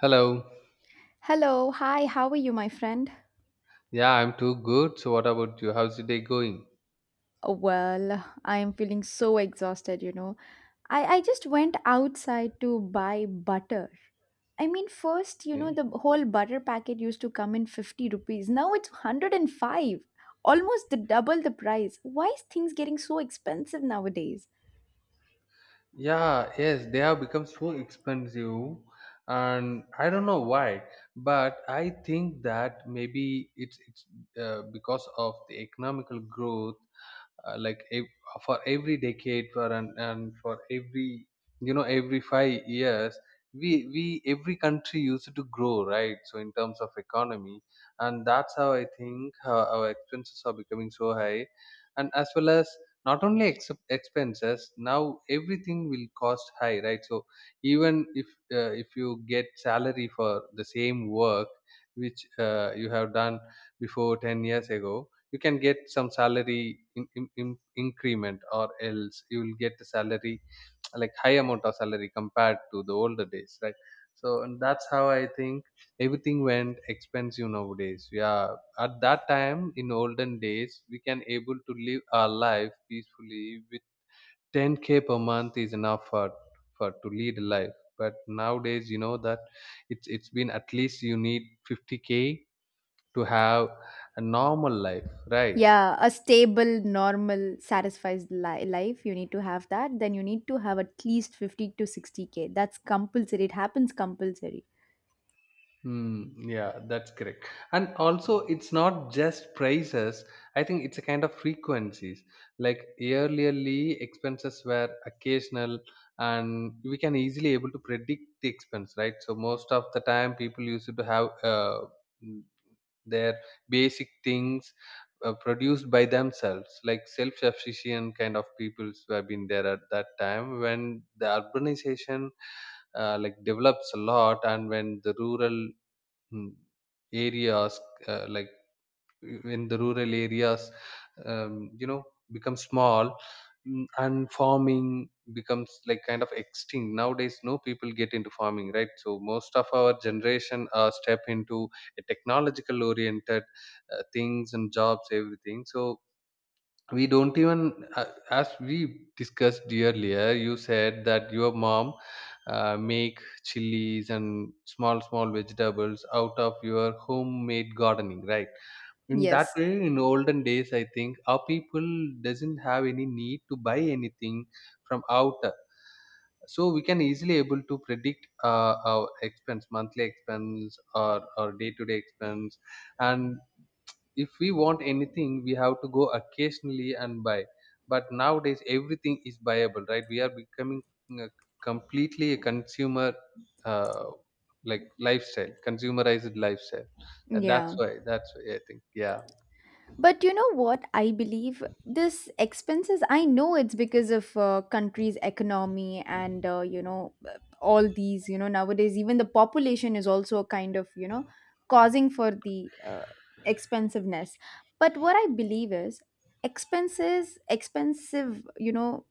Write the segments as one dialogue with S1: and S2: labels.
S1: Hello.
S2: Hello, hi, how are you, my friend?
S1: Yeah, I'm too good. So what about you? How's the day going?
S2: Well, I am feeling so exhausted. I just went outside to buy butter. I mean, first,
S1: Okay.
S2: the whole butter packet used to come in 50 rupees. Now it's 105, almost the double the price. Why is things getting so expensive nowadays?
S1: Yeah, yes, they have become so expensive and I don't know why, but I think that maybe it's because of the economical growth uh, like ev- for every decade for an, and for every every 5 years we every country used to grow, right? So in terms of economy, and that's how I think our expenses are becoming so high, and as well as not only expenses, now everything will cost high, right? So even if you get salary for the same work which you have done before 10 years ago, you can get some salary in increment, or else you will get the salary like high amount of salary compared to the older days, right? So and that's how I think everything went expensive nowadays. Yeah, at that time in olden days we can able to live our life peacefully with 10k per month is enough for to lead a life. But nowadays you know that it's been at least you need 50k to have a normal life, right?
S2: Yeah, a stable, normal, satisfies life, you need to have that. Then you need to have at least 50 to 60K. That's compulsory. It happens compulsory.
S1: Yeah, that's correct. And also, it's not just prices. I think it's a kind of frequencies. Like yearly expenses were occasional, and we can easily able to predict the expense, right? So most of the time, people used to have mm, their basic things produced by themselves, like self-sufficient kind of peoples who have been there at that time, when the urbanization like develops a lot and when the rural mm, areas uh, like when the rural areas um, you know become small. And farming becomes like kind of extinct nowadays, no people get into farming, right? So most of our generation step into a technological oriented things and jobs, everything. So we don't even a- as we discussed earlier, you said that your mom make chilies and small small vegetables out of your homemade gardening, right? In that
S2: Yes.
S1: way, in olden days I think our people doesn't have any need to buy anything from outer. So we can easily able to predict our expense, monthly expense or day to day expense. And if we want anything, we have to go occasionally and buy. But nowadays everything is buyable, right? We are becoming uh, completely a consumer, uh, like lifestyle, consumerized lifestyle. Uh, that's
S2: Yeah.
S1: why that's why I think. Yeah.
S2: But you know what? I believe this expenses, I know it's because of country's economy and, all these, nowadays, even the population is also a kind of, causing for the expensiveness. But what I believe is expenses, expensive,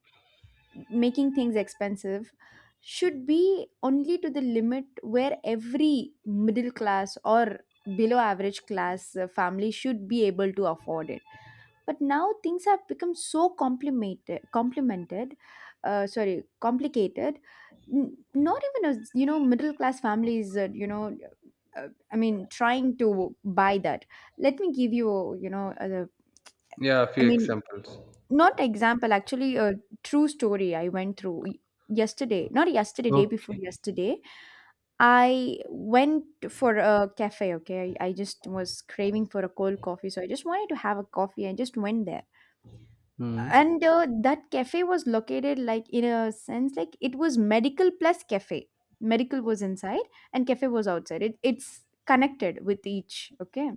S2: making things expensive should be only to the limit where every middle class or below average class family should be able to afford it, but now things have become so complimented complimented sorry complicated. Not even, as you know, middle class families I mean, trying to buy that. Let me give you, you know
S1: Yeah, a
S2: I
S1: few
S2: mean,
S1: examples.
S2: not example, actually a true story I went through, yesterday, not yesterday, day before
S1: Okay.
S2: yesterday. I went for a cafe. Okay, I just was craving for a cold coffee, so I just wanted to have a coffee. I just went there,
S1: Mm.
S2: and that cafe was located like in a sense, like it was medical plus cafe. Medical was inside and cafe was outside. It's connected with each, okay.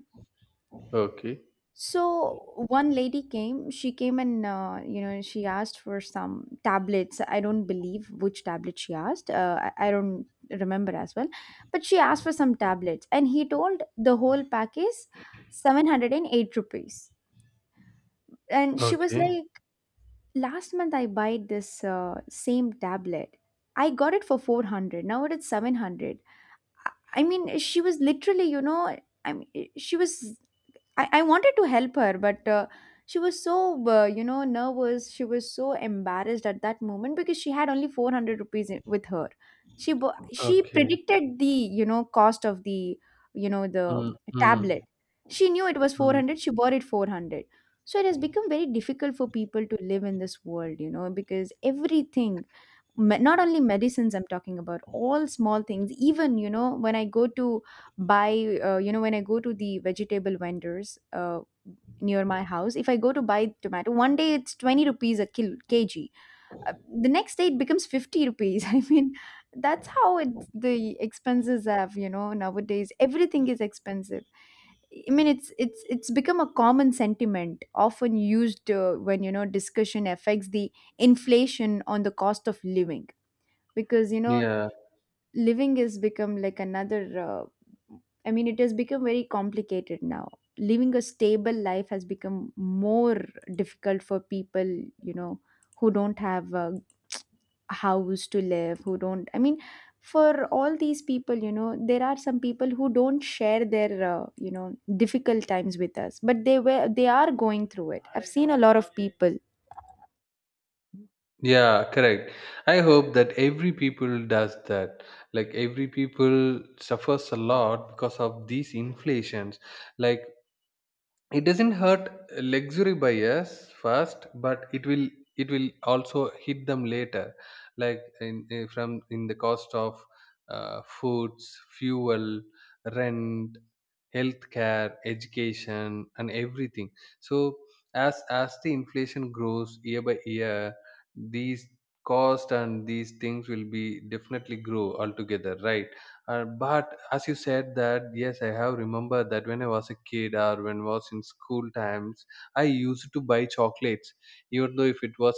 S1: Okay.
S2: So one lady came, she came and she asked for some tablets. I don't believe which tablet she asked. I don't remember as well, but she asked for some tablets, and he told the whole pack is 708 rupees. And she was
S1: Okay.
S2: like, "Last month I bought this same tablet. I got it for 400. Now it is 700." I mean, she was literally, I mean, she was I wanted to help her, but she was so, nervous. She was so embarrassed at that moment because she had only 400 rupees with her. She
S1: Okay.
S2: predicted the, you know, cost of the, you know, the
S1: Mm. Mm.
S2: tablet. She knew it was
S1: Mm.
S2: 400. She bought it 400. So it has become very difficult for people to live in this world, you know, because everything, not only medicines, I'm talking about all small things. Even, when I go to the vegetable vendors near my house, if I go to buy tomato, one day it's 20 rupees a kg. uh, the next day it becomes 50 rupees. I mean, that's how the expenses have, nowadays everything is expensive. I mean, it's become a common sentiment often used when, discussion affects the inflation on the cost of living. Because,
S1: Yeah.
S2: living has become like another, I mean, it has become very complicated now. Living a stable life has become more difficult for people, you know, who don't have a house to live, who don't I mean, for all these people, there are some people who don't share their difficult times with us, but they are going through it. I've seen a lot of people.
S1: Yeah, correct. I hope that every people does that, like every people suffers a lot because of these inflations. Like it doesn't hurt luxury buyers first, but it will, it will also hit them later, like in, eh, from in the cost of foods, fuel, rent, healthcare, education and everything. So as the inflation grows year by year, these cost and these things will be definitely grow altogether, right? But as you said that, yes, I have remembered that when I was a kid or when I was in school times, I used to buy chocolates, even though if it was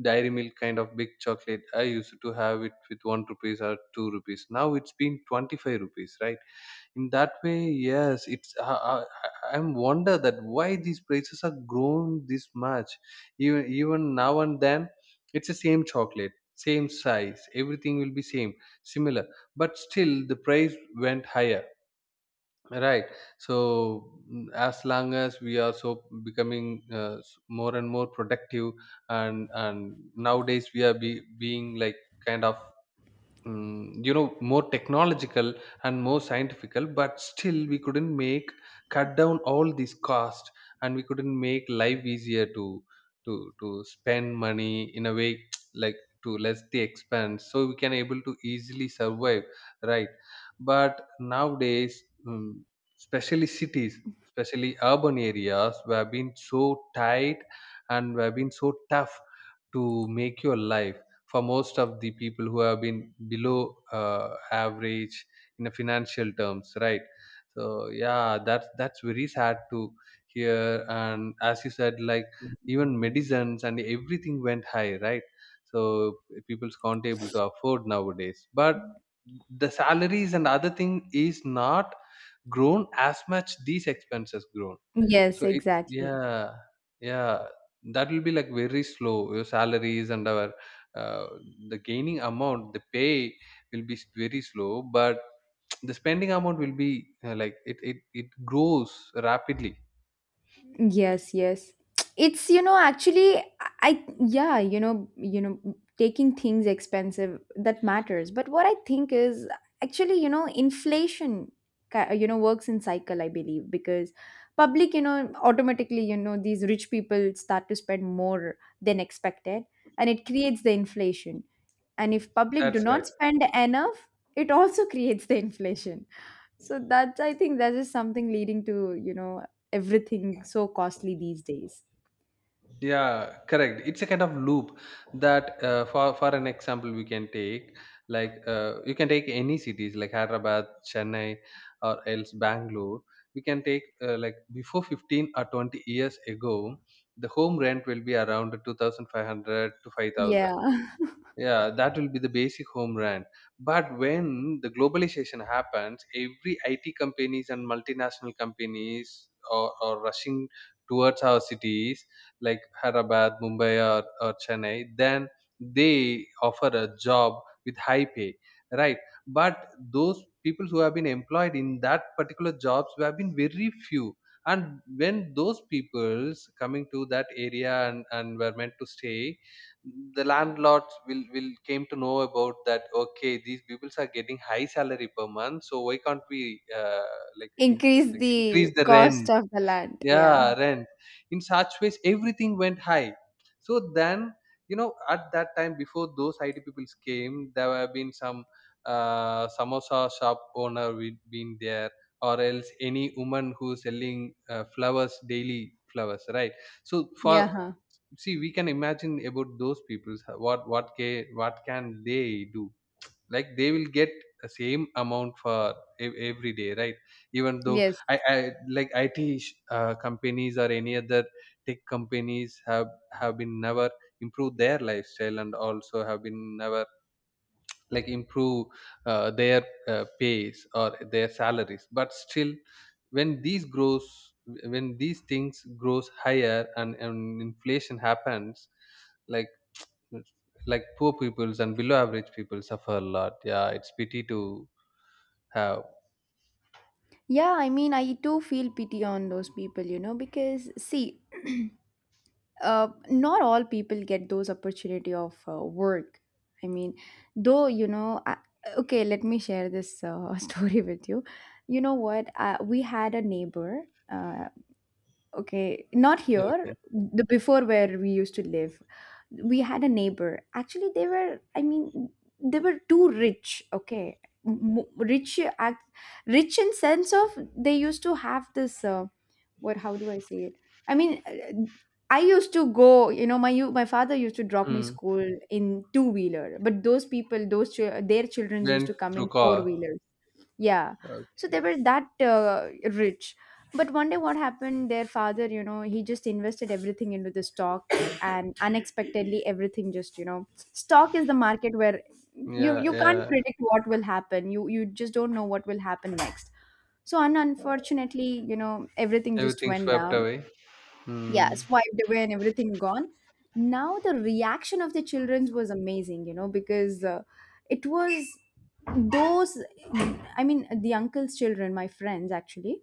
S1: dairy milk kind of big chocolate, I used to have it with one rupees or two rupees. Now it's been 25 rupees, right? In that way, yes, it's I, I'm wonder that why these prices are grown this much. Even even now and then it's the same chocolate, same size, everything will be same, similar, but still the price went higher, right? So as long as we are so becoming more and more productive, and nowadays we are being like kind of more technological and more scientifical, but still we couldn't make cut down all these costs, and we couldn't make life easier to to spend money in a way like to less the expense, so we can able to easily survive, right? But nowadays, especially cities, especially urban areas, we have been so tight and we have been so tough to make your life for most of the people who have been below average in a financial terms, right? So yeah, that's very sad to hear. And as you said, like even medicines and everything went high, right? So people can't able to afford nowadays, but the salaries and other thing is not grown as much these expenses grown.
S2: Yes,
S1: So it,
S2: exactly.
S1: yeah, yeah. That will be like very slow. Your salaries and our uh, the gaining amount, the pay will be very slow, but the spending amount will be like it grows rapidly.
S2: Yes, yes. It's, actually, yeah, taking things expensive, that matters. But what I think is, actually, inflation, works in cycle, I believe, because public, automatically, these rich people start to spend more than expected and it creates the inflation. And if public do
S1: That's right.
S2: not spend enough, it also creates the inflation. So that's, I think, that is something leading to, everything so costly these days.
S1: Yeah, correct, it's a kind of loop that for an example we can take, like you can take any cities like Hyderabad, Chennai or else Bangalore. We can take like before 15 or 20 years ago, the home rent will be around 2,500 to 5,000.
S2: Yeah.
S1: Yeah, that will be the basic home run. But when the globalization happens, every IT companies and multinational companies are rushing towards our cities like Hyderabad, Mumbai or Chennai. Then they offer a job with high pay, right? But those people who have been employed in that particular jobs have been very few. And when those peoples coming to that area and were meant to stay, the landlords will came to know about that, okay, these people are getting high salary per month, so why can't we like in,
S2: Increase
S1: like increase
S2: the
S1: the
S2: cost
S1: rent.
S2: of the land. Yeah.
S1: Yeah, rent. In such ways everything went high. So then, you know, at that time before those IT people came, there have been some samosa shop owner we'd been there, or else any woman who's selling flowers, daily flowers, right? So for,
S2: Yeah, huh.
S1: see we can imagine about those people, what can they do. Like they will get the same amount for every day, right? Even though
S2: Yes.
S1: I like companies or any other tech companies have been never improved their lifestyle, and also have been never like improve their pays or their salaries. But still when these grows, when these things grows higher, and inflation happens, like like poor peoples and below average people suffer a lot. Yeah, it's pity to have.
S2: Yeah, I mean, I too feel pity on those people, because see, not all people get those opportunity of work. I mean, though, okay, let me share this story with you. You know what? We had a neighbor. Okay, not here.
S1: Okay.
S2: The before where we used to live, we had a neighbor. Actually, I mean, they were too rich. Okay, rich, rich in sense of, they used to have this. What? How do I say it? I mean, I used to go. You know, my father used to drop me
S1: Mm.
S2: school in two wheeler. But those people, those their children used
S1: Went
S2: to come
S1: through
S2: in four
S1: car.
S2: wheeler. Yeah. So they
S1: Okay.
S2: were that rich. But one day, what happened? Their father, he just invested everything into the stock, and unexpectedly, everything just, stock is the market where you
S1: Yeah,
S2: you can't
S1: yeah.
S2: predict what will happen. You just don't know what will happen next. So, unfortunately, everything just
S1: Everything
S2: went
S1: swept
S2: down.
S1: away.
S2: Yeah,
S1: Mm.
S2: swiped away and everything gone. Now the reaction of the childrens was amazing, because it was those, I mean, the uncle's children, my friends actually.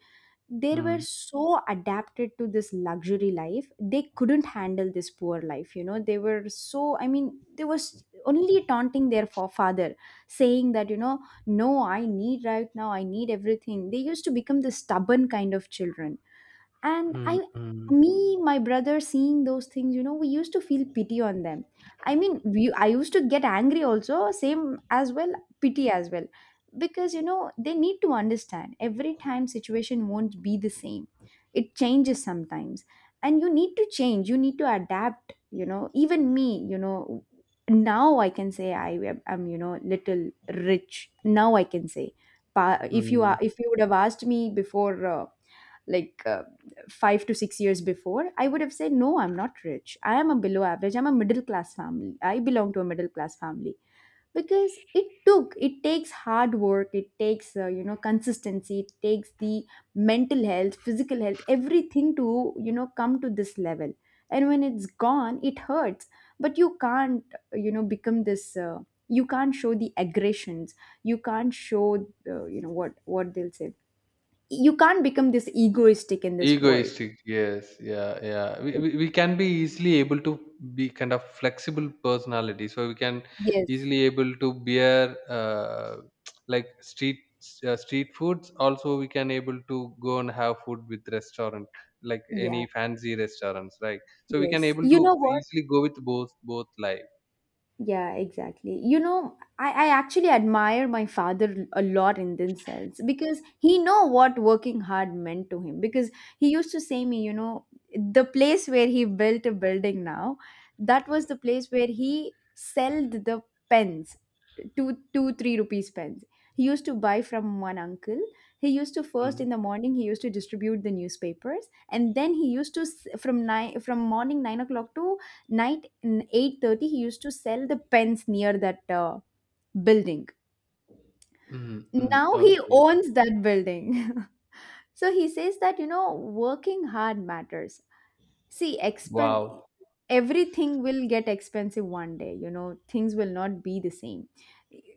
S2: They were
S1: Mm.
S2: so adapted to this luxury life, they couldn't handle this poor life, they were so I mean, they was only taunting their father, saying that, no, I need right now, I need everything. They used to become the stubborn kind of children. And
S1: Mm.
S2: I
S1: Mm.
S2: me, my brother, seeing those things, we used to feel pity on them. I mean, I used to get angry also, same as well, pity as well, because, they need to understand, every time situation won't be the same, it changes sometimes, and you need to change, you need to adapt, even me. Now I can say, I'm, little rich now I can say. If you are
S1: Mm.
S2: if you would have asked me before, like, 5 to 6 years before, I would have said, no, I'm not rich. I am a below average. I'm a middle class family. I belong to a middle class family, because it takes hard work, it takes, consistency, it takes the mental health, physical health, everything to, come to this level. And when it's gone, it hurts. But you can't, become this you can't show the aggressions, you can't show, what they'll say, you can't become this egoistic in this world.
S1: Egoistic, yes, yeah, yeah. We can be easily able to be kind of flexible personality, so we can
S2: Yes,
S1: easily able to bear like street street foods. Also, we can able to go and have food with restaurant, like
S2: yeah,
S1: any fancy restaurants, right? So we can
S2: yes.
S1: able
S2: You know
S1: to
S2: what?
S1: easily go with both both life.
S2: Yeah, exactly. You know, I actually admire my father a lot in this sense, because he know what working hard meant to him. Because he used to say me, the place where he built a building now, that was the place where he sold the pens, two two three rupees pens. He used to buy from one uncle. He used to First,
S1: Mm,
S2: in the morning, he used to distribute the newspapers, and then he used to from nine from morning 9 o'clock to night in 8:30 he used to sell the pens near that building.
S1: mm, mm,
S2: Now he
S1: okay.
S2: owns that building. So he says that, working hard matters. See, expen
S1: Wow.
S2: everything will get expensive one day, you know, things will not be the same.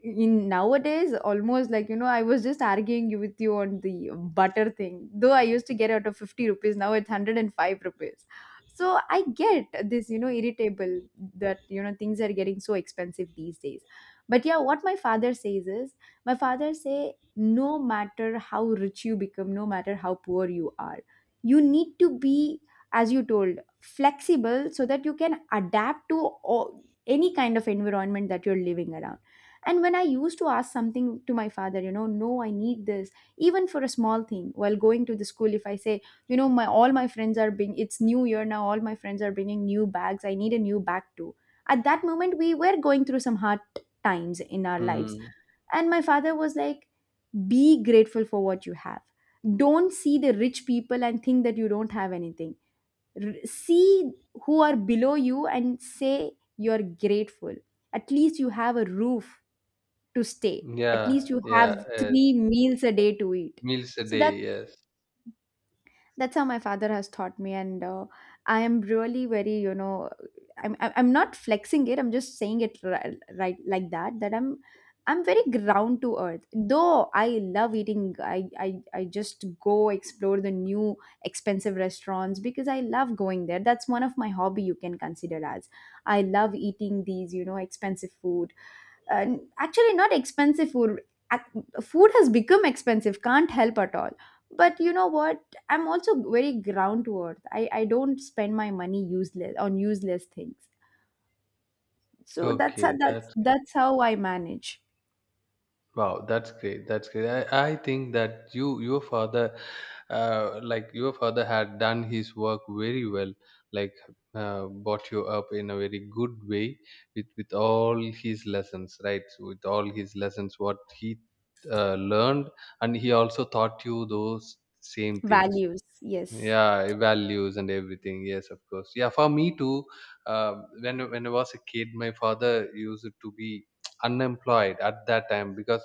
S2: In nowadays, almost like, I was just arguing you with you on the butter thing. Though I used to get out of 50 rupees, now it's 105 rupees. So I get this, irritable, that, things are getting so expensive these days. But yeah, what my father says is, my father say, no matter how rich you become, no matter how poor you are, you need to be, as you told, flexible, so that you can adapt to any kind of environment that you're living around. And when I used to ask something to my father, no, I need this, even for a small thing, while going to the school, if I say, my all my friends are being it's new year now, all my friends are bringing new bags, I need a new bag too. At that moment, we were going through some hard times in our lives,
S1: Mm,
S2: and my father was like, be grateful for what you have. Don't see the rich people and think that you don't have anything see who are below you and say you're grateful. At least you have a roof to stay, at
S1: yeah,
S2: least you have
S1: yeah. Yes.
S2: three meals a day to eat.
S1: Meals a
S2: So
S1: day,
S2: that's
S1: yes.
S2: that's how my father has taught me. And I am really very, I'm not flexing it, I'm just saying it. Right, right, like that I'm very ground to earth. Though I love eating, I, I just go explore the new expensive restaurants because I love going there. That's one of my hobby, you can consider as, I love eating these, expensive food. uh, Actually, not expensive food. Food has become expensive, can't help at all. But you know what, I'm also very ground to earth. I don't spend my money useless on useless things. So that's how,
S1: Okay,
S2: that's
S1: that's,
S2: that's how I manage.
S1: wow, that's great. That's great. I think that you, your father, like your father had done his work very well, like brought you up in a very good way with all his lessons, right? So, with all his lessons, what he learned, and he also taught you those same things.
S2: Values, yes.
S1: Yeah, eh, values and everything, yes, of course. Yeah, for me too. When I was a kid, my father used to be unemployed at that time because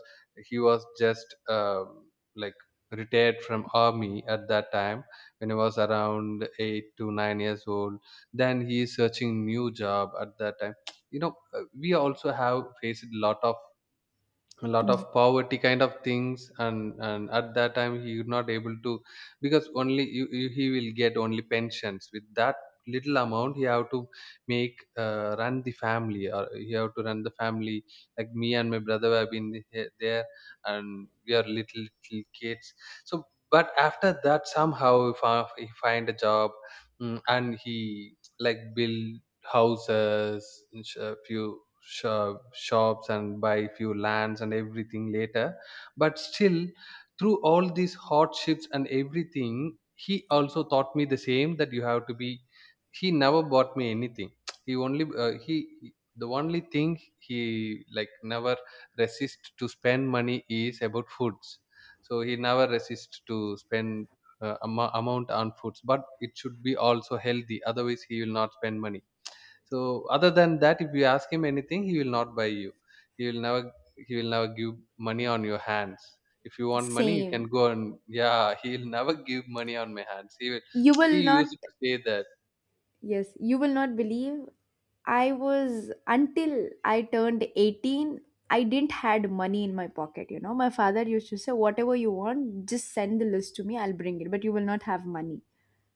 S1: he was just like retired from army at that time, when he was around 8 to 9 years old. Then he is searching new job at that time. You know, we also have faced a lot of poverty kind of things. And at that time he would not able to, because only he will get only pensions. With that little amount he have to make run the family or he have to run the family. Like me and my brother have been there, and we are little kids. So but after that somehow he he find a job. And he like build houses a few shops and buy few lands and everything later. But still through all these hardships and everything, he also taught me the same, that you have to be. He never bought me anything. He only he the only thing he like never resist to spend money is about foods. So he never resist to spend amount on foods, but it should be also healthy, otherwise he will not spend money. So other than that, if you ask him anything, he will not buy you. He will never he will never give money on your hands. If you want money, you can
S2: Same.
S1: go and, yeah, he'll never give money on my hands. He will
S2: You
S1: he
S2: will not.
S1: used to say that.
S2: Yes, you will not believe. I was, until I turned 18, I didn't had money in my pocket, you know. My father used to say, whatever you want, just send the list to me, I'll bring it, but you will not have money.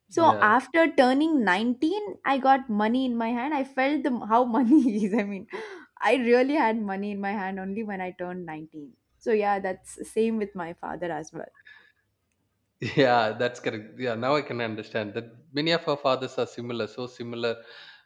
S2: So
S1: Yeah.
S2: after turning 19, I got money in my hand. I felt the how money is. I mean, I really had money in my hand only when I turned 19. So yeah, that's same with my father as well.
S1: Yeah, that's correct. Yeah, now I can understand that many of our fathers are similar, so similar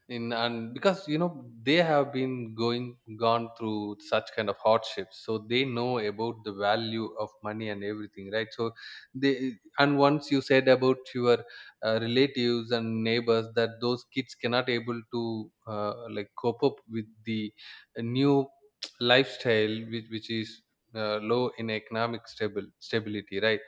S1: in and because you know they have been going gone through such kind of hardships, so they know about the value of money and everything, right? So they, and once you said about your relatives and neighbors, that those kids cannot able to like cope up with the new lifestyle which is low in economic stable stability, right?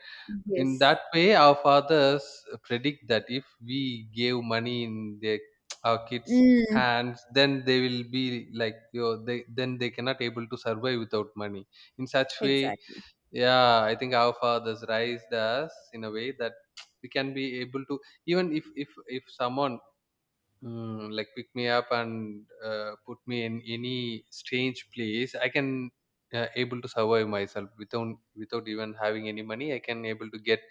S1: In
S2: Yes.
S1: that way, our fathers predict that if we gave money in their our kids'
S2: Mm,
S1: hands, then they will be like, you know, they, then they cannot able to survive without money. In such way,
S2: exactly.
S1: yeah, I think our fathers raised us in a way that we can be able to, even if if someone like pick me up and put me in any strange place, I can able to survive myself without, without even having any money, I can able to get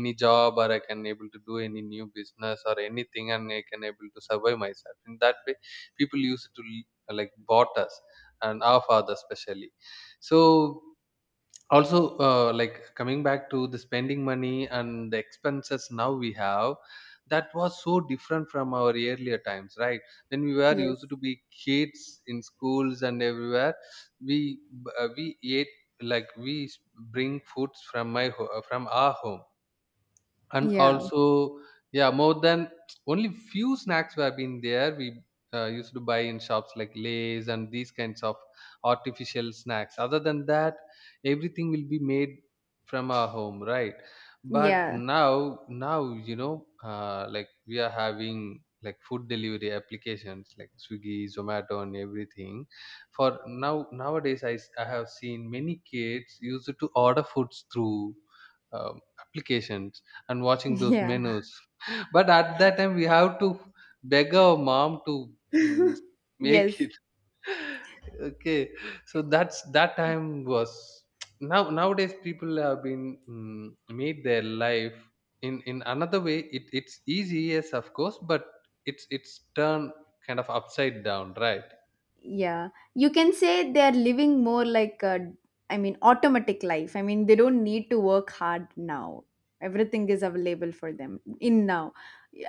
S1: any job, or I can able to do any new business or anything, and I can able to survive myself. In that way people used to like bought us, and our father especially. So also, like coming back to the spending money and the expenses now we have, that was so different from our earlier times, right? When we were
S2: Yes.
S1: used to be kids in schools and everywhere, we ate like we bring foods from from our home, and
S2: Yeah.
S1: also, yeah, more than, only few snacks were been there we used to buy in shops like lays and these kinds of artificial snacks. Other than that, everything will be made from our home, right? But
S2: Yeah.
S1: now, now you know, like we are having like food delivery applications like Swiggy, Zomato and everything. For now, nowadays I have seen many kids used to order foods through applications and watching those
S2: Yeah.
S1: menus. But at that time, we have to beg our mom to mm,
S2: Yes.
S1: make it. Okay, so that's, that time was now nowadays people have been, made their life in another way. It it's easy, yes, of course, but it's turned kind of upside down, right?
S2: Yeah, you can say they're living more like a, I mean, automatic life. I mean, they don't need to work hard now. Everything is available for them in now.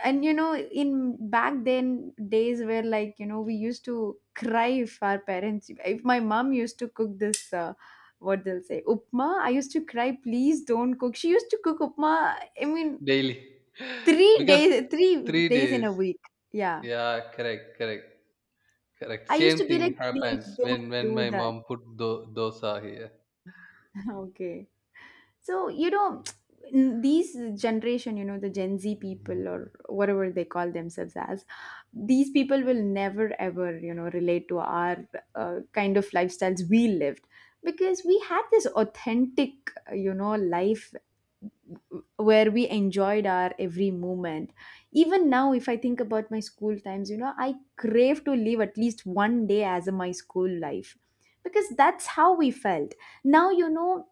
S2: And you know, in back then days where, like, you know, we used to cry if our parents, if my mom used to cook this, what they'll say, upma, I used to cry, please don't cook. She used to cook upma, I mean,
S1: Daily because
S2: three
S1: three
S2: days in
S1: days.
S2: a week. Yeah.
S1: Yeah, correct, correct. Correct.
S2: I used
S1: Same
S2: to be
S1: thing
S2: like, please
S1: happens
S2: don't
S1: when
S2: do
S1: my
S2: that.
S1: mom put dosa here.
S2: Okay. So, you know, these generation, you know, the Gen Z people or whatever they call themselves as, these people will never ever, you know, relate to our kind of lifestyles we lived, because we had this authentic, you know, life where we enjoyed our every moment. Even now, if I think about my school times, you know, I crave to live at least one day as a my school life, because that's how we felt. Now, you know,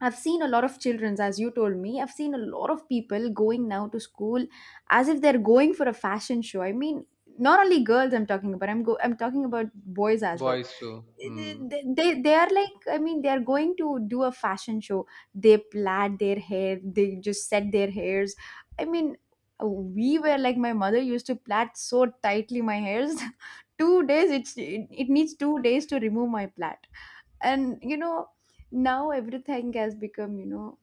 S2: I've seen a lot of childrens, as you told me. I've seen a lot of people going now to school as if they're going for a fashion show. I mean, not only girls I'm talking about. I'm talking about boys as well.
S1: Boys too.
S2: They,
S1: Hmm.
S2: they are like, I mean, they are going to do a fashion show. They plait their hair. They just set their hairs. I mean, we were like my mother used to plait so tightly my hairs. Two days, it needs two days to remove my plait. And you know, now everything has become, you know,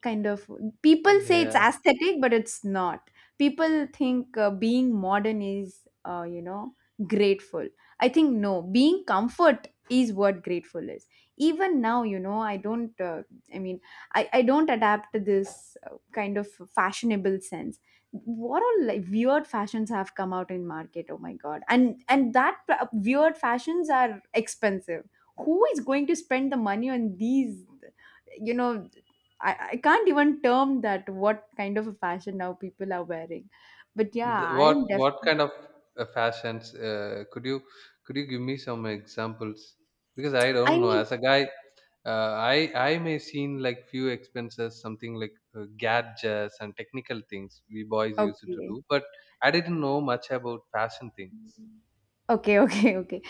S2: kind of, people say it's
S1: Yeah.
S2: aesthetic, but it's not. People think being modern is, you know, grateful. I think no, being comfort is what grateful is. Even now, you know, I don't, I mean, I don't adapt to this kind of fashionable sense. What all, like, weird fashions have come out in market, oh my god. And that weird fashions are expensive. Who is going to spend the money on these, you know? I can't even term that what kind of a fashion now people are wearing. But yeah,
S1: The,
S2: I am
S1: what
S2: definitely.
S1: kind of fashions? Could you, could you give me some examples? Because I
S2: I
S1: don't know.
S2: mean,
S1: As a guy, I may seen like few expenses, something like gadgets and technical things we boys used to
S2: okay.
S1: do, but I didn't know much about fashion things.
S2: Okay, okay, okay.